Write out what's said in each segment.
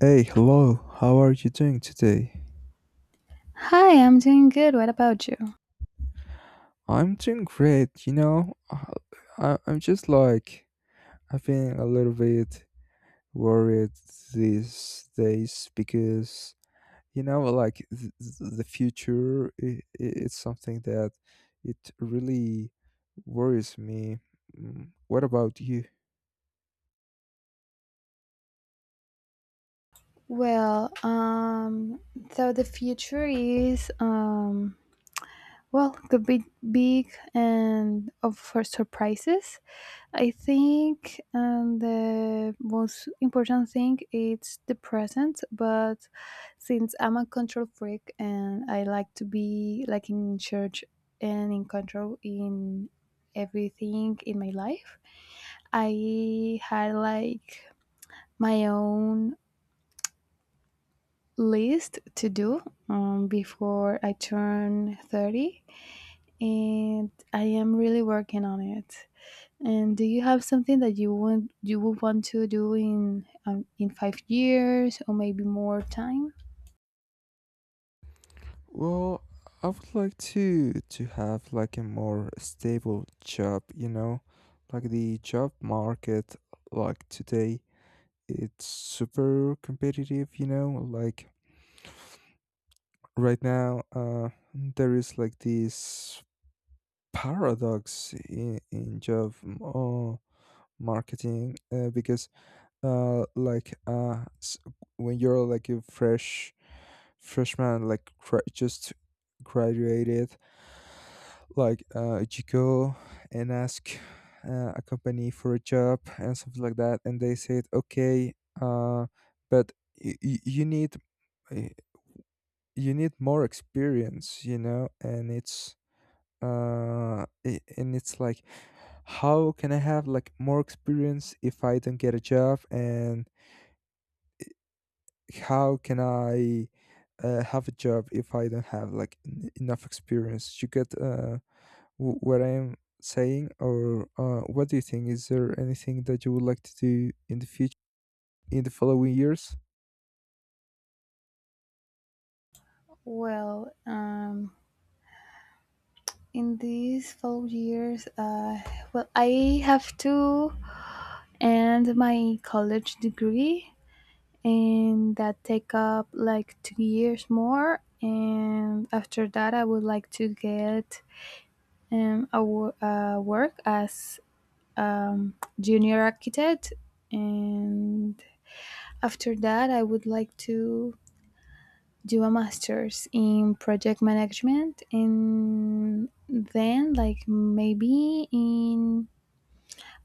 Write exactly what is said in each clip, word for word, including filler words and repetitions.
Hey, hello. How are you doing today? Hi, I'm doing good. What about you? I'm doing great. You know, I, I- I'm just like I've been a little bit worried these days because you know, like th- th- the future, i i- it's something that it really worries me. Mm, What about you? Well, um, so the future is, um, well, could be big and of for surprises. I think um, the most important thing is the present. But since I'm a control freak and I like to be like in charge and in control in everything in my life, I had like my own list to do um, before I turn thirty, and I am really working on it. And do you have something that you would you would want to do in um, in five years or maybe more time? Well, I would like to to have like a more stable job, you know, like the job market like today it's super competitive, you know, like right now uh there is like this paradox in, in job m- uh, marketing, uh, because uh like uh s- when you're like a fresh freshman like gra- just graduated, like uh you go and ask uh, a company for a job and something like that, and they said okay, uh but y- y- you need uh, you need more experience, you know, and it's uh i- and it's like how can I have like more experience if I don't get a job, and how can I uh, have a job if I don't have like en- enough experience? You get uh w- what I'm saying? Or uh what do you think? Is there anything that you would like to do in the future, in the following years? Well, um, in these four years, uh, well, I have to end my college degree, and that take up like two years more. And after that, I would like to get Um, I wo- uh, work as um, junior architect, and after that, I would like to do a master's in project management, and then like maybe in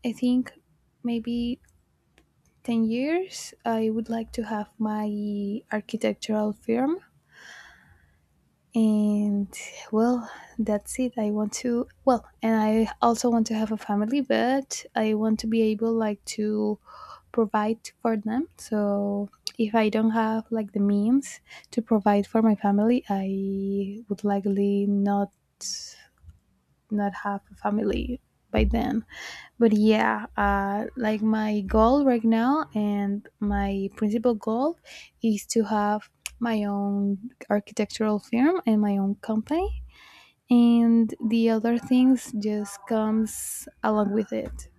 I think maybe ten years, I would like to have my architectural firm and well that's it. I want to well and I also want to have a family, but I want to be able like to provide for them. So if I don't have like the means to provide for my family, I would likely not not have a family by then. But yeah, uh, like my goal right now and my principal goal is to have my own architectural firm and my own company. And the other things just comes along with it.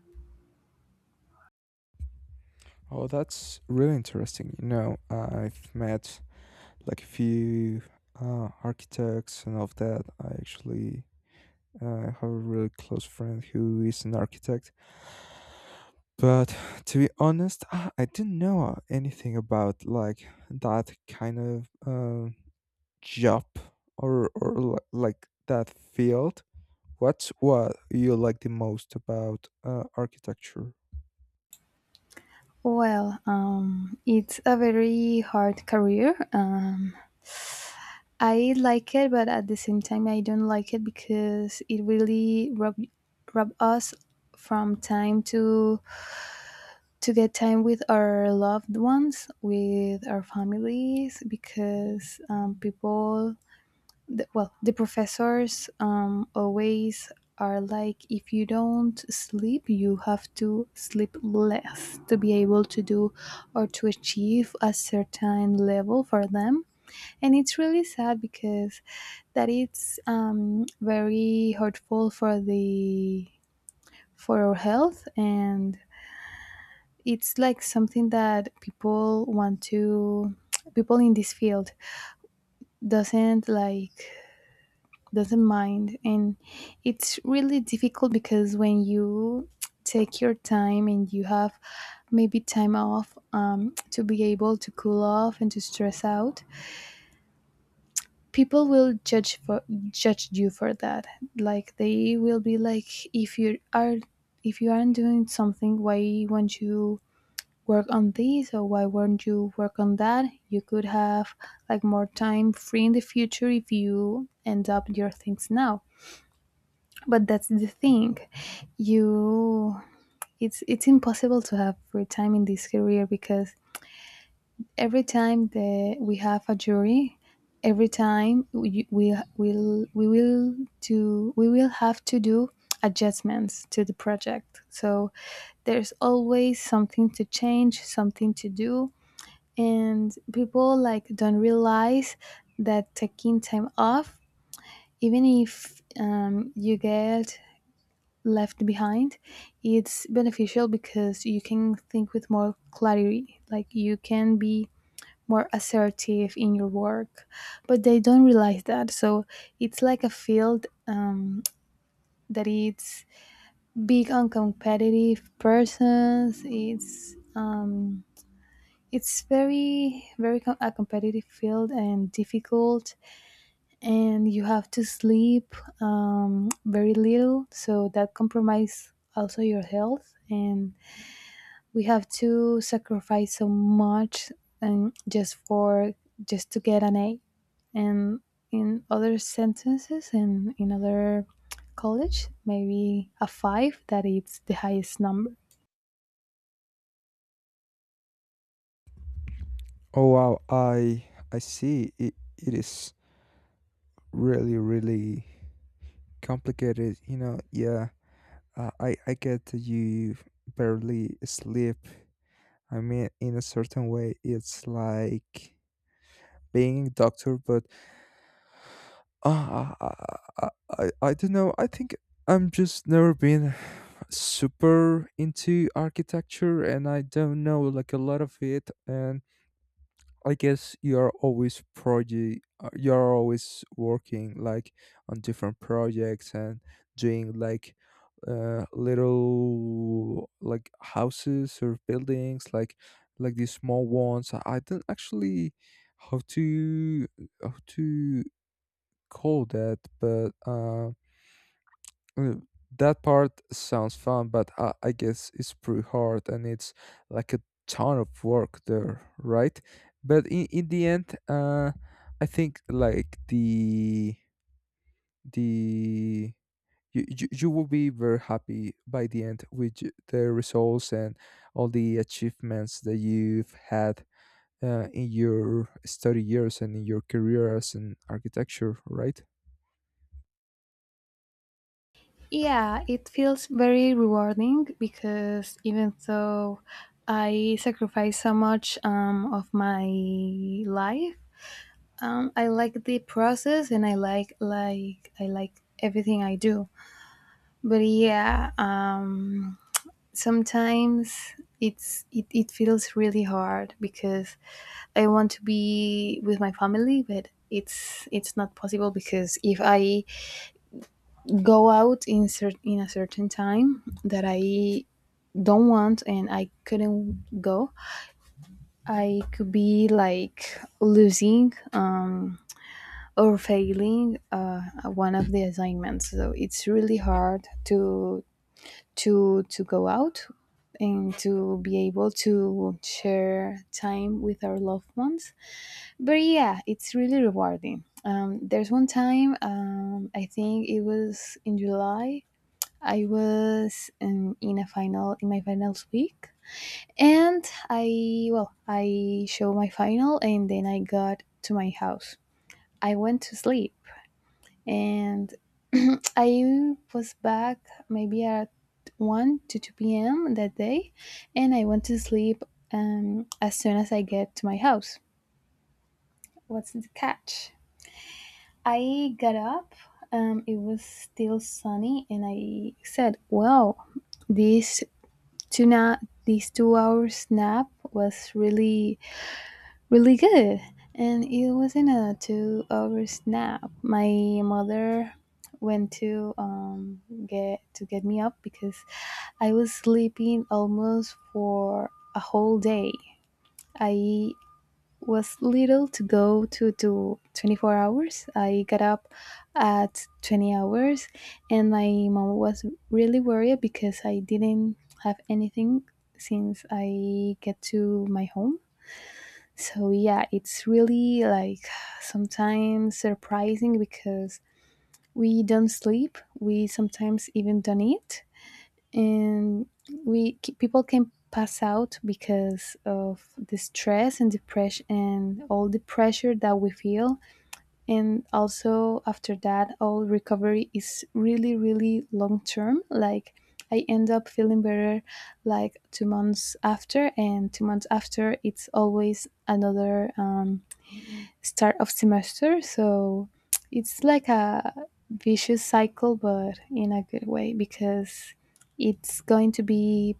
Oh, that's really interesting. You know, I've met like a few uh, architects and of that. I actually uh, have a really close friend who is an architect. But to be honest, I I didn't know anything about like that kind of uh, job, or or li- like that field. What's what you like the most about uh, architecture? Well, um, it's a very hard career. Um, I like it, but at the same time, I don't like it because it really rob, rob us from time to to get time with our loved ones, with our families, because um, people, the, well, the professors um, always are like, if you don't sleep, you have to sleep less to be able to do or to achieve a certain level for them. And it's really sad because that it's um, very hurtful for the for our health. And it's like something that people want to people in this field doesn't like doesn't mind. And it's really difficult because when you take your time and you have maybe time off um, to be able to cool off and to stress out, people will judge for judge you for that. Like they will be like, if you are if you aren't doing something, why won't you work on this, or why weren't you work on that? You could have like more time free in the future if you end up your things now. But that's the thing, you it's it's impossible to have free time in this career because every time that we have a jury, every time we we will we will do we will have to do adjustments to the project. So there's always something to change, something to do, and people like don't realize that taking time off, even if um, you get left behind, it's beneficial because you can think with more clarity, like you can be more assertive in your work. But they don't realize that. So it's like a field um, that it's big on competitive persons. It's um, it's very very com- a competitive field and difficult, and you have to sleep um, very little. So that compromise also your health, and we have to sacrifice so much, and just for just to get an A. And in other sentences and in other college, maybe a five, that it's the highest number. Oh wow, I I see. It it is really really complicated, you know. Yeah, uh, i i get that you barely sleep. I mean, in a certain way, it's like being a doctor. But uh, I, I i i don't know. I think I'm just never been super into architecture, and I don't know like a lot of it. And I guess you are always project you are always working like on different projects and doing like uh, little like houses or buildings like like these small ones. I I don't actually how to how to call that, but um Mm, that part sounds fun, but I, I guess it's pretty hard and it's like a ton of work there, right? But in, in the end, uh, I think like the the you, you, you will be very happy by the end with y- the results and all the achievements that you've had uh, in your study years and in your career as an architecture, right? Yeah, it feels very rewarding because even though I sacrifice so much um, of my life, um, I like the process, and I like like I like everything I do. But yeah, um, sometimes it's it, it feels really hard because I want to be with my family, but it's it's not possible because if I go out in cer- in a certain time that I don't want and I couldn't go, I could be like losing um, or failing uh, one of the assignments. So it's really hard to to to go out and to be able to share time with our loved ones. But yeah, it's really rewarding. Um, there's one time, um, I think it was in July. I was um, in a final in my finals week, and I well I show my final, and then I got to my house. I went to sleep, and I was back maybe at one to two p m that day, and I went to sleep um, as soon as I get to my house. What's the catch? I got up. Um, it was still sunny, and I said, "Wow, this two na- this two hours nap was really really good." And it wasn't a two hours nap. My mother went to um get to get me up because I was sleeping almost for a whole day. I was little to go to to twenty-four hours. I got up at twenty hours, and my mom was really worried because I didn't have anything since I get to my home. So yeah, it's really like sometimes surprising because we don't sleep. We sometimes even don't eat. And we c- people can pass out because of the stress and depression and all the pressure that we feel. And also after that, all recovery is really really long term. Like I end up feeling better like two months after, and two months after it's always another um, start of semester. So it's like a vicious cycle, but in a good way, because it's going to be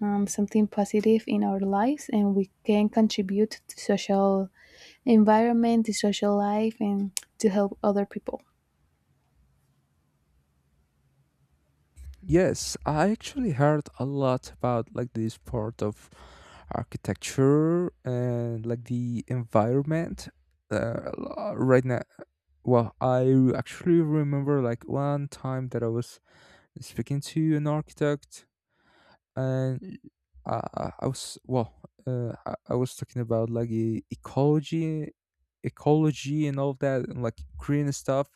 um, something positive in our lives, and we can contribute to social environment, to social life, and to help other people. Yes, I actually heard a lot about like this part of architecture and like the environment. Uh, l- right now, well, I actually remember like one time that I was speaking to an architect, and I, I I was well, uh, I, I was talking about like e- ecology, ecology, and all of that, and like green stuff.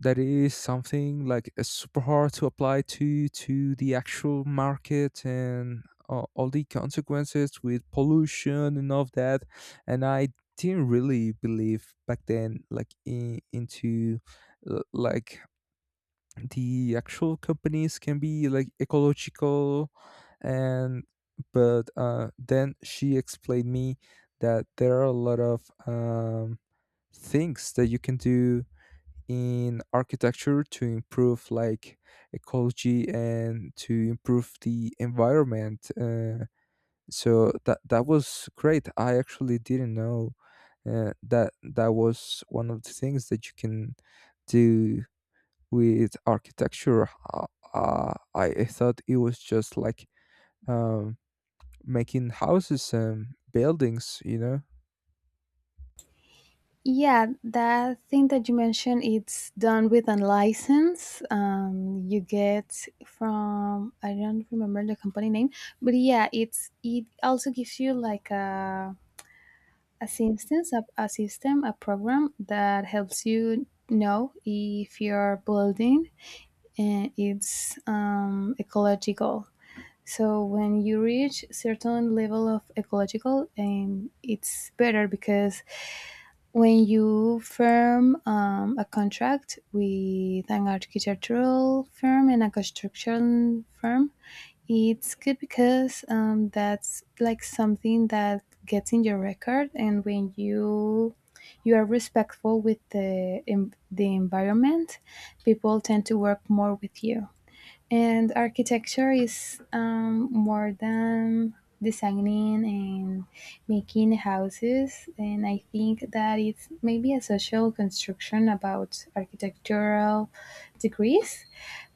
That is something like uh, super hard to apply to to the actual market, and uh, all the consequences with pollution and all of that. And I didn't really believe back then, like in, into uh, like the actual companies can be like ecological, and but uh, then she explained me that there are a lot of um, things that you can do in architecture to improve like ecology and to improve the environment, uh, so that that was great. I actually didn't know uh, that that was one of the things that you can do with architecture. Uh, uh, I thought it was just like um, making houses and buildings, you know? Yeah, that thing that you mentioned, it's done with a license. Um, you get from I don't remember the company name, but yeah, it's it also gives you like a Assistance, a, a system, a program that helps you know if your building and it's um, ecological. So when you reach certain level of ecological, um, it's better because when you firm um, a contract with an architectural firm and a construction firm, it's good because um, that's like something that gets in your record, and when you you are respectful with the em- the environment, people tend to work more with you. And architecture is um, more than designing and making houses, and I think that it's maybe a social construction about architectural degrees.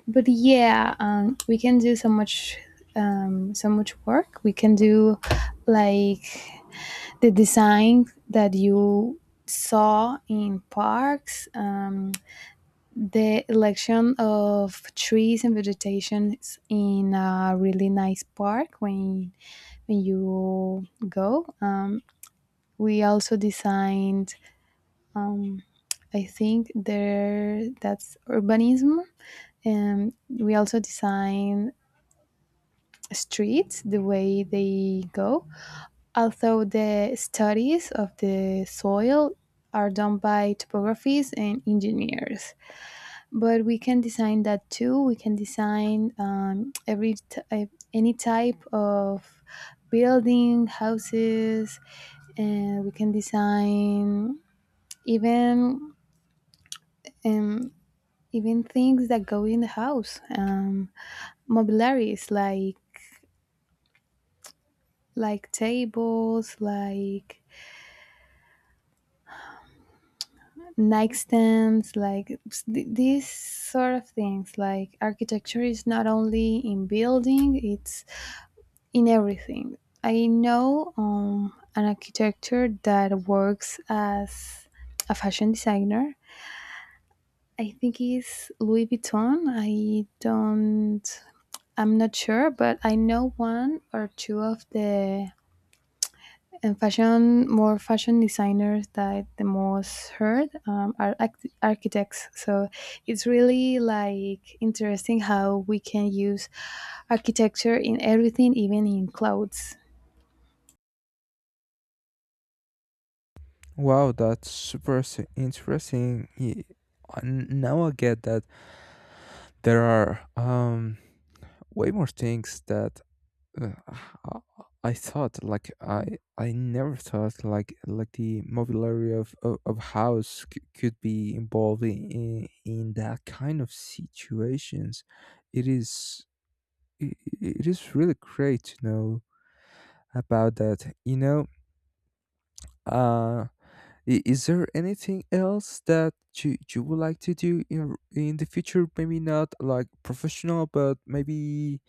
But yeah, um, we can do so much, um, so much work. We can do like the design that you saw in parks, um, the election of trees and vegetations in a really nice park when when you go. Um, we also designed. Um, I think there that's urbanism, and we also design streets the way they go, although the studies of the soil are done by topographies and engineers. But we can design that too. We can design um, every type, any type of building, houses, and we can design even um, even things that go in the house, um, mobiliaries like like tables, like nightstands, like s- th- these sort of things. Like architecture is not only in building, it's in everything. I know um, an architecture that works as a fashion designer. I think he's Louis Vuitton. I don't, I'm not sure, but I know one or two of the and fashion more fashion designers that the most heard um, are act- architects. So it's really like interesting how we can use architecture in everything, even in clothes. Wow, that's super s- interesting. Ye- uh, n- Now I get that there are um, way more things that Uh, I I thought like I I never thought like like the mobiliary of of, of house c- could be involved in, in in that kind of situations. It is it, it is really great to know about that. You know, uh, i- is there anything else that you you would like to do in in the future? Maybe not like professional, but maybe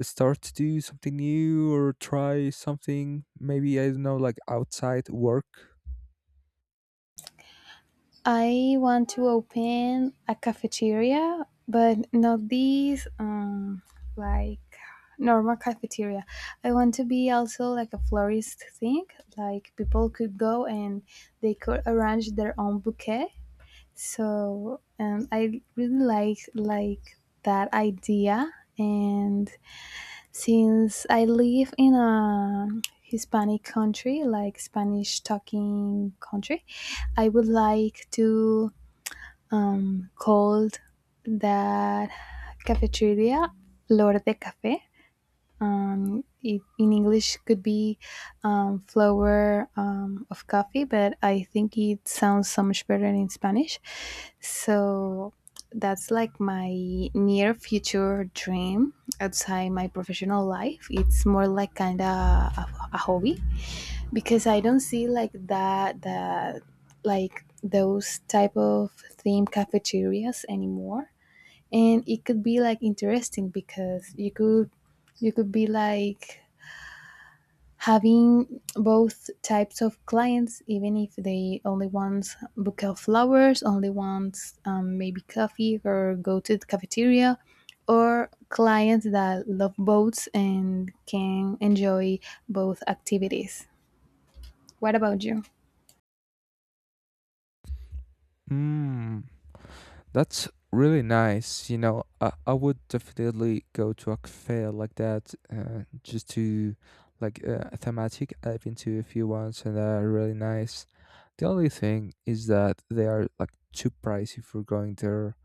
start to do something new or try something, maybe I don't know, like outside work. I want to open a cafeteria, but not these um, like normal cafeteria. I want to be also like a florist thing, like people could go and they could arrange their own bouquet. So um, I really like like that idea. And since I live in a Hispanic country, like Spanish talking country, I would like to um, call that cafeteria Flor de Café. um, it, in English could be um, flower um, of coffee, but I think it sounds so much better in Spanish. So that's like my near future dream outside my professional life. It's more like kind of a, a hobby, because I don't see like that that like those type of theme cafeterias anymore. And it could be like interesting because you could you could be like having both types of clients, even if they only want bouquet of flowers, only want um, maybe coffee or go to the cafeteria, or clients that love boats and can enjoy both activities. What about you? Mm. That's really nice, you know. i, I would definitely go to a cafe like that, uh, just to like uh, a thematic. I've been to a few ones, and they're really nice. The only thing is that they are like too pricey for going there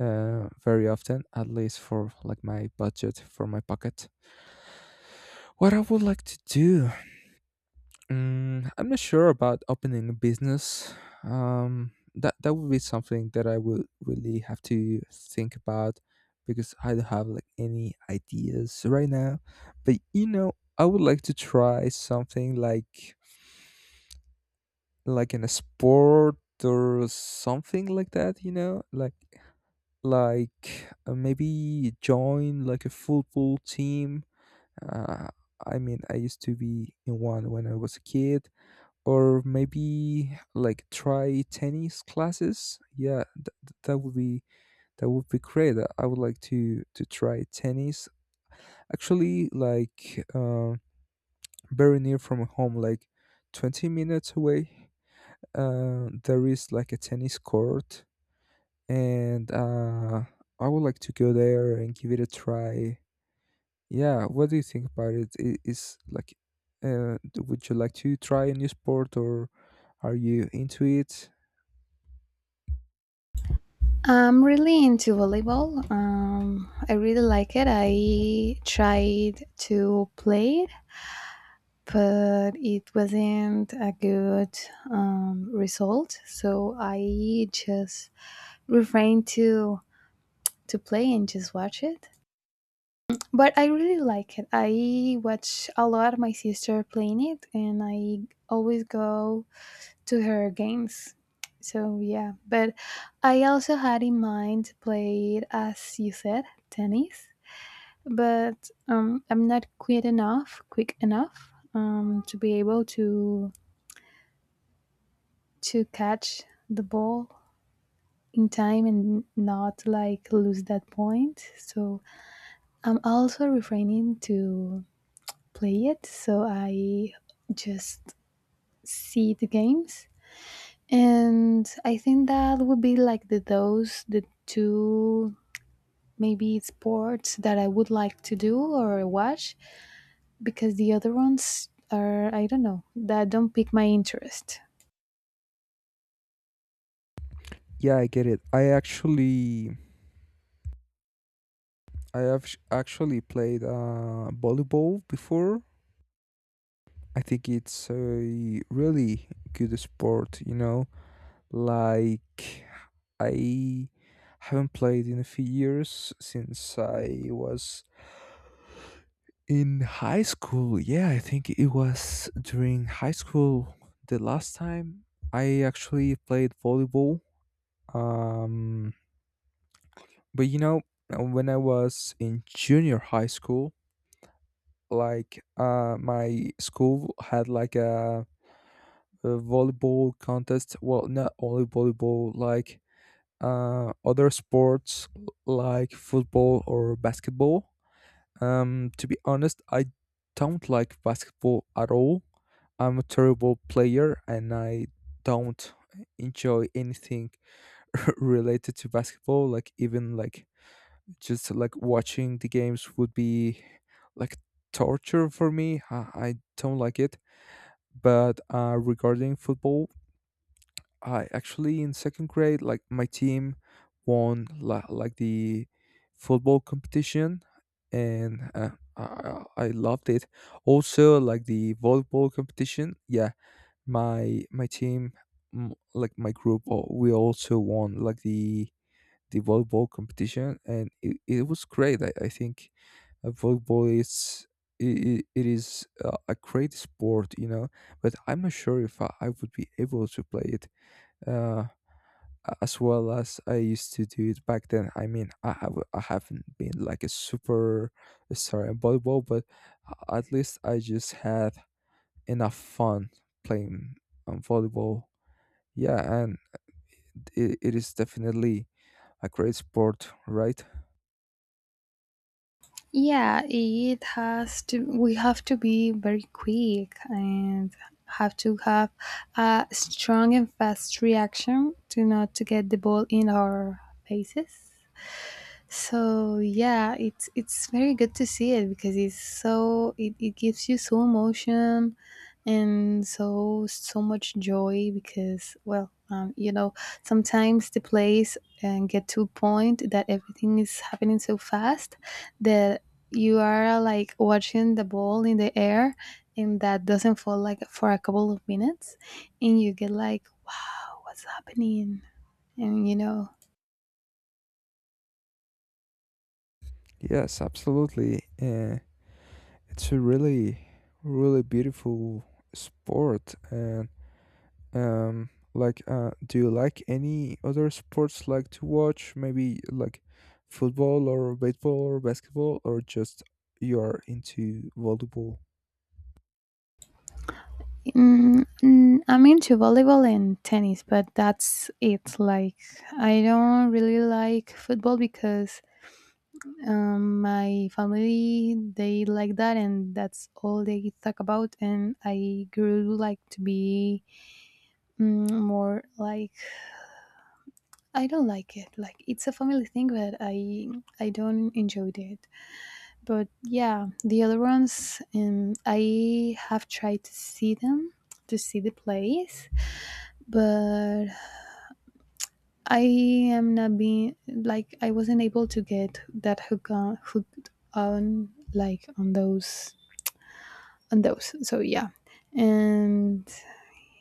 uh, very often, at least for like my budget, for my pocket. What I would like to do. Mm, I'm not sure about opening a business. Um, that that would be something that I would really have to think about, because I don't have like any ideas right now. But you know, I would like to try something like like in a sport or something like that. You know, like like uh, maybe join like a football team. Uh, I mean, I used to be in one when I was a kid, or maybe like try tennis classes. Yeah, th- th- that would be that would be great. i I would like to to try tennis actually, like uh, very near from home, like twenty minutes away. Uh, there is like a tennis court, and uh, I would like to go there and give it a try. Yeah, what do you think about it? I- Is like, uh, d- would you like to try a new sport, or are you into it? I'm really into volleyball. um, I really like it. I tried to play, but it wasn't a good um, result. So I just refrained to to play and just watch it. But I really like it. I watch a lot my sister playing it, and I always go to her games. So yeah, but I also had in mind to play, as you said, tennis, but um, I'm not quick enough, quick enough um, to be able to to catch the ball in time and not like lose that point. So I'm also refraining to play it. So I just see the games. And I think that would be like the those the two maybe sports that I would like to do or watch, because the other ones are, I don't know, that don't pique my interest. Yeah, I get it. I actually, I have sh- actually played uh, volleyball before. I think it's a really good sport, you know. Like, I haven't played in a few years since I was in high school. Yeah, I think it was during high school the last time I actually played volleyball. Um, but you know, when I was in junior high school, like uh, my school had like a, a volleyball contest. Well, not only volleyball, like uh, other sports like football or basketball. Um, to be honest, I don't like basketball at all. I'm a terrible player, and I don't enjoy anything related to basketball. Like even like just like watching the games would be like torture for me. I, I don't like it. But uh, regarding football, I actually in second grade, like my team won la- like the football competition, and uh, I I I loved it. Also, like the volleyball competition, yeah, my my team, mm, like my group, oh, we also won like the the volleyball competition, and it, it was great. I, I think uh, volleyball is. It, it is uh, a great sport, you know, but I'm not sure if I, I would be able to play it. Uh, a- as well as I used to do it back then. I mean, I have I haven't been like a super star in volleyball, but a- at least I just had enough fun playing um, volleyball. Yeah, and it, it is definitely a great sport, right? Yeah, it has to. We have to be very quick and have to have a strong and fast reaction to not to get the ball in our faces. So yeah, it's it's very good to see it, because it's so, it, it gives you so emotion and so so much joy, because well, um, you know, sometimes the plays and get to a point that everything is happening so fast that you are like watching the ball in the air, and that doesn't fall like for a couple of minutes, and you get like, wow, what's happening? And you know. Yes, absolutely. Uh, it's a really, really beautiful sport, and um like uh do you like any other sports, like to watch, maybe like football or baseball or basketball, or just you are into volleyball? Mm, mm, I'm into volleyball and tennis, but that's it. Like, I don't really like football because um, my family, they like that, and that's all they talk about. And I grew like to be mm, more like, I don't like it. Like, it's a family thing, but I I don't enjoy it. But yeah, the other ones, um, I have tried to see them, to see the plays, but I am not being like, I wasn't able to get that hook on hooked on, like on those, on those. So yeah. And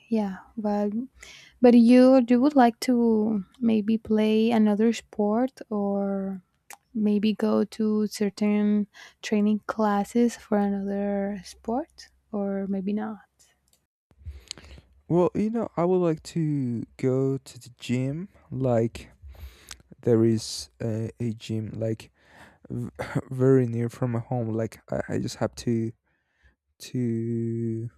yeah, but but you you would like to maybe play another sport, or maybe go to certain training classes for another sport, or maybe not. Well, you know, I would like to go to the gym. Like, there is a, a gym like v- very near from my home. Like, I, I just have to to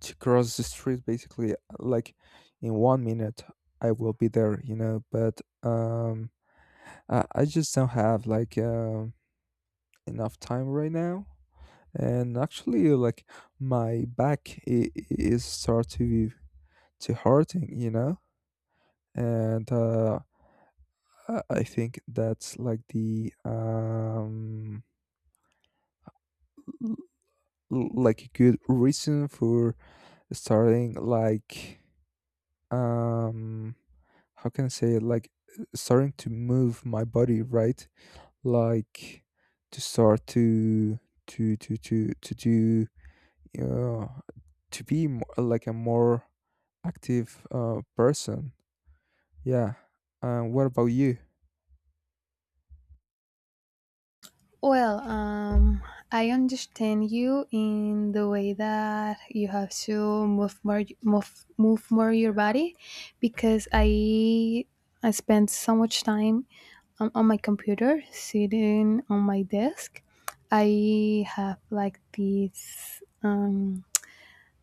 to cross the street basically. Like, in one minute I will be there, you know. But um Uh, I just don't have like uh, enough time right now, and actually, uh, like my back i- i- is start to to hurting, you know, and uh, I I think that's like the um l- l- like a good reason for starting like um how can I say it, like starting to move my body, right? Like to start to to to to to do uh, to be mo like a more active uh, person. Yeah. Uh, what about you? Well, um, I understand you in the way that you have to move more, move, move more your body, because I I spend so much time on, on my computer, sitting on my desk. I have like these um,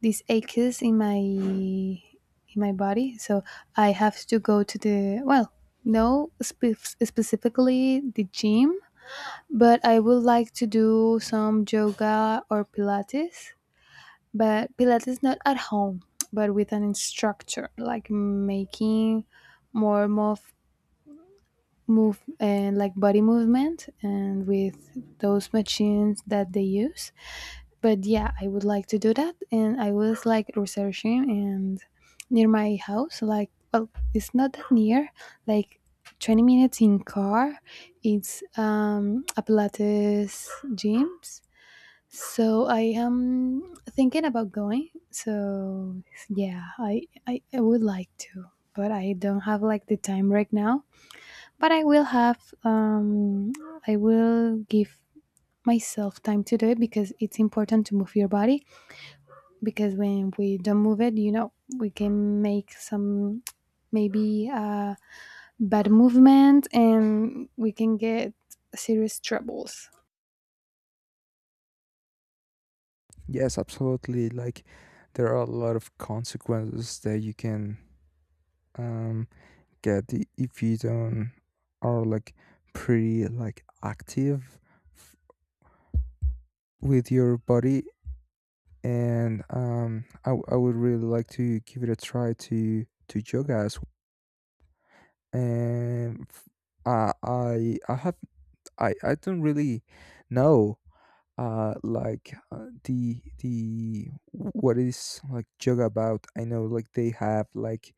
these aches in my in my body, so I have to go to the, well, no spe- specifically the gym, but I would like to do some yoga or Pilates, but Pilates not at home, but with an instructor, like making more move, move, and like body movement, and with those machines that they use. But yeah, I would like to do that, and I was like researching, and near my house, like, well, it's not that near, like. twenty minutes in car, it's um, a pilates gyms, so I am thinking about going. So yeah, I, I I would like to, but I don't have like the time right now. But I will have um I will give myself time to do it, because it's important to move your body, because when we don't move it, you know, we can make some maybe uh bad movement, and we can get serious troubles. Yes, absolutely. Like there are a lot of consequences that you can um, get i- if you don't are like pretty like active f- with your body. And um, I, w- I would really like to give it a try to to yoga as well. And f- I I I have I I don't really know uh like uh, the the what is like yoga about. I know like they have like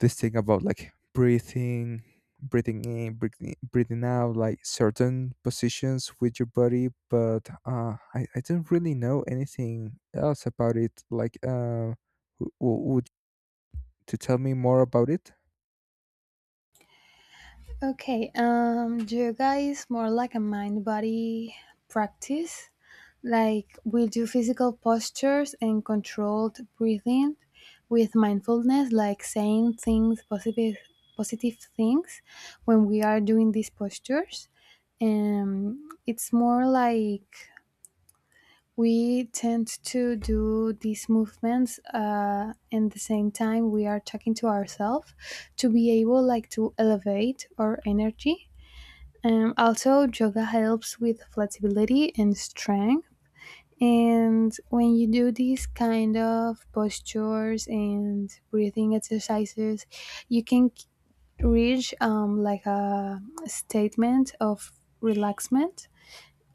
this thing about like breathing breathing in, breathing, breathing out, like certain positions with your body, but uh i, I don't really know anything else about it. Like uh w- w- to tell me more about it? Okay, um, yoga is more like a mind body practice. Like we do physical postures and controlled breathing with mindfulness, like saying things positive, positive things when we are doing these postures. And it's more like we tend to do these movements, uh, and the same time we are talking to ourselves to be able like to elevate our energy. Um, also, yoga helps with flexibility and strength. And when you do these kind of postures and breathing exercises, you can k- reach um, like a statement of relaxment.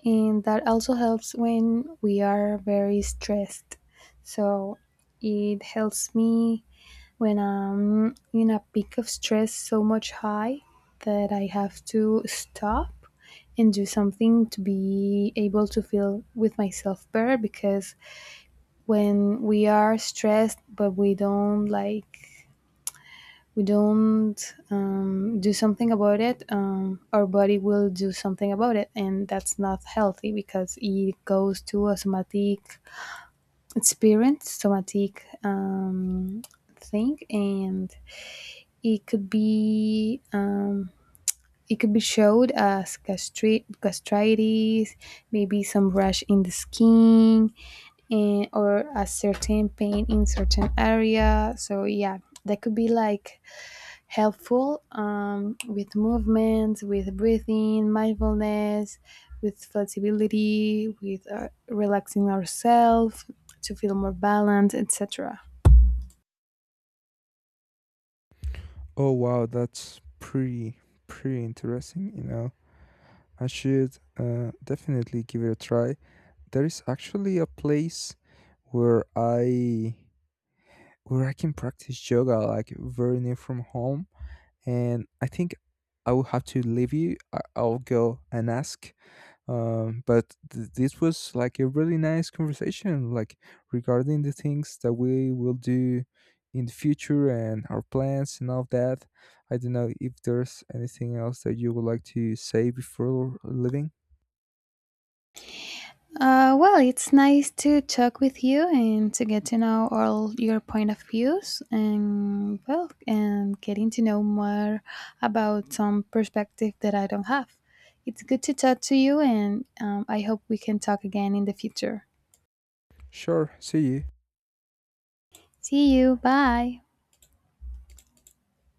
And that also helps when we are very stressed. So it helps me when I'm in a peak of stress so much high that I have to stop and do something to be able to feel with myself better, because when we are stressed but we don't like, we don't um, do something about it, um, our body will do something about it, and that's not healthy, because it goes to a somatic experience, somatic um, thing, and it could be um, it could be showed as gastri- gastritis, maybe some rash in the skin, and, or a certain pain in certain area. So yeah, that could be like helpful, um, with movements, with breathing, mindfulness, with flexibility, with uh, relaxing ourselves to feel more balanced, et cetera. Oh wow, that's pretty pretty interesting, you know. I should uh, definitely give it a try. There is actually a place where I where I can practice yoga like very near from home, and I think I will have to leave you. I- I'll go and ask. Um, but th- this was like a really nice conversation, like regarding the things that we will do in the future and our plans and all that. I don't know if there's anything else that you would like to say before leaving. Uh, well, it's nice to talk with you and to get to know all your point of views, and well, and getting to know more about some perspective that I don't have. It's good to talk to you, and um, I hope we can talk again in the future. Sure, see you. See you. Bye.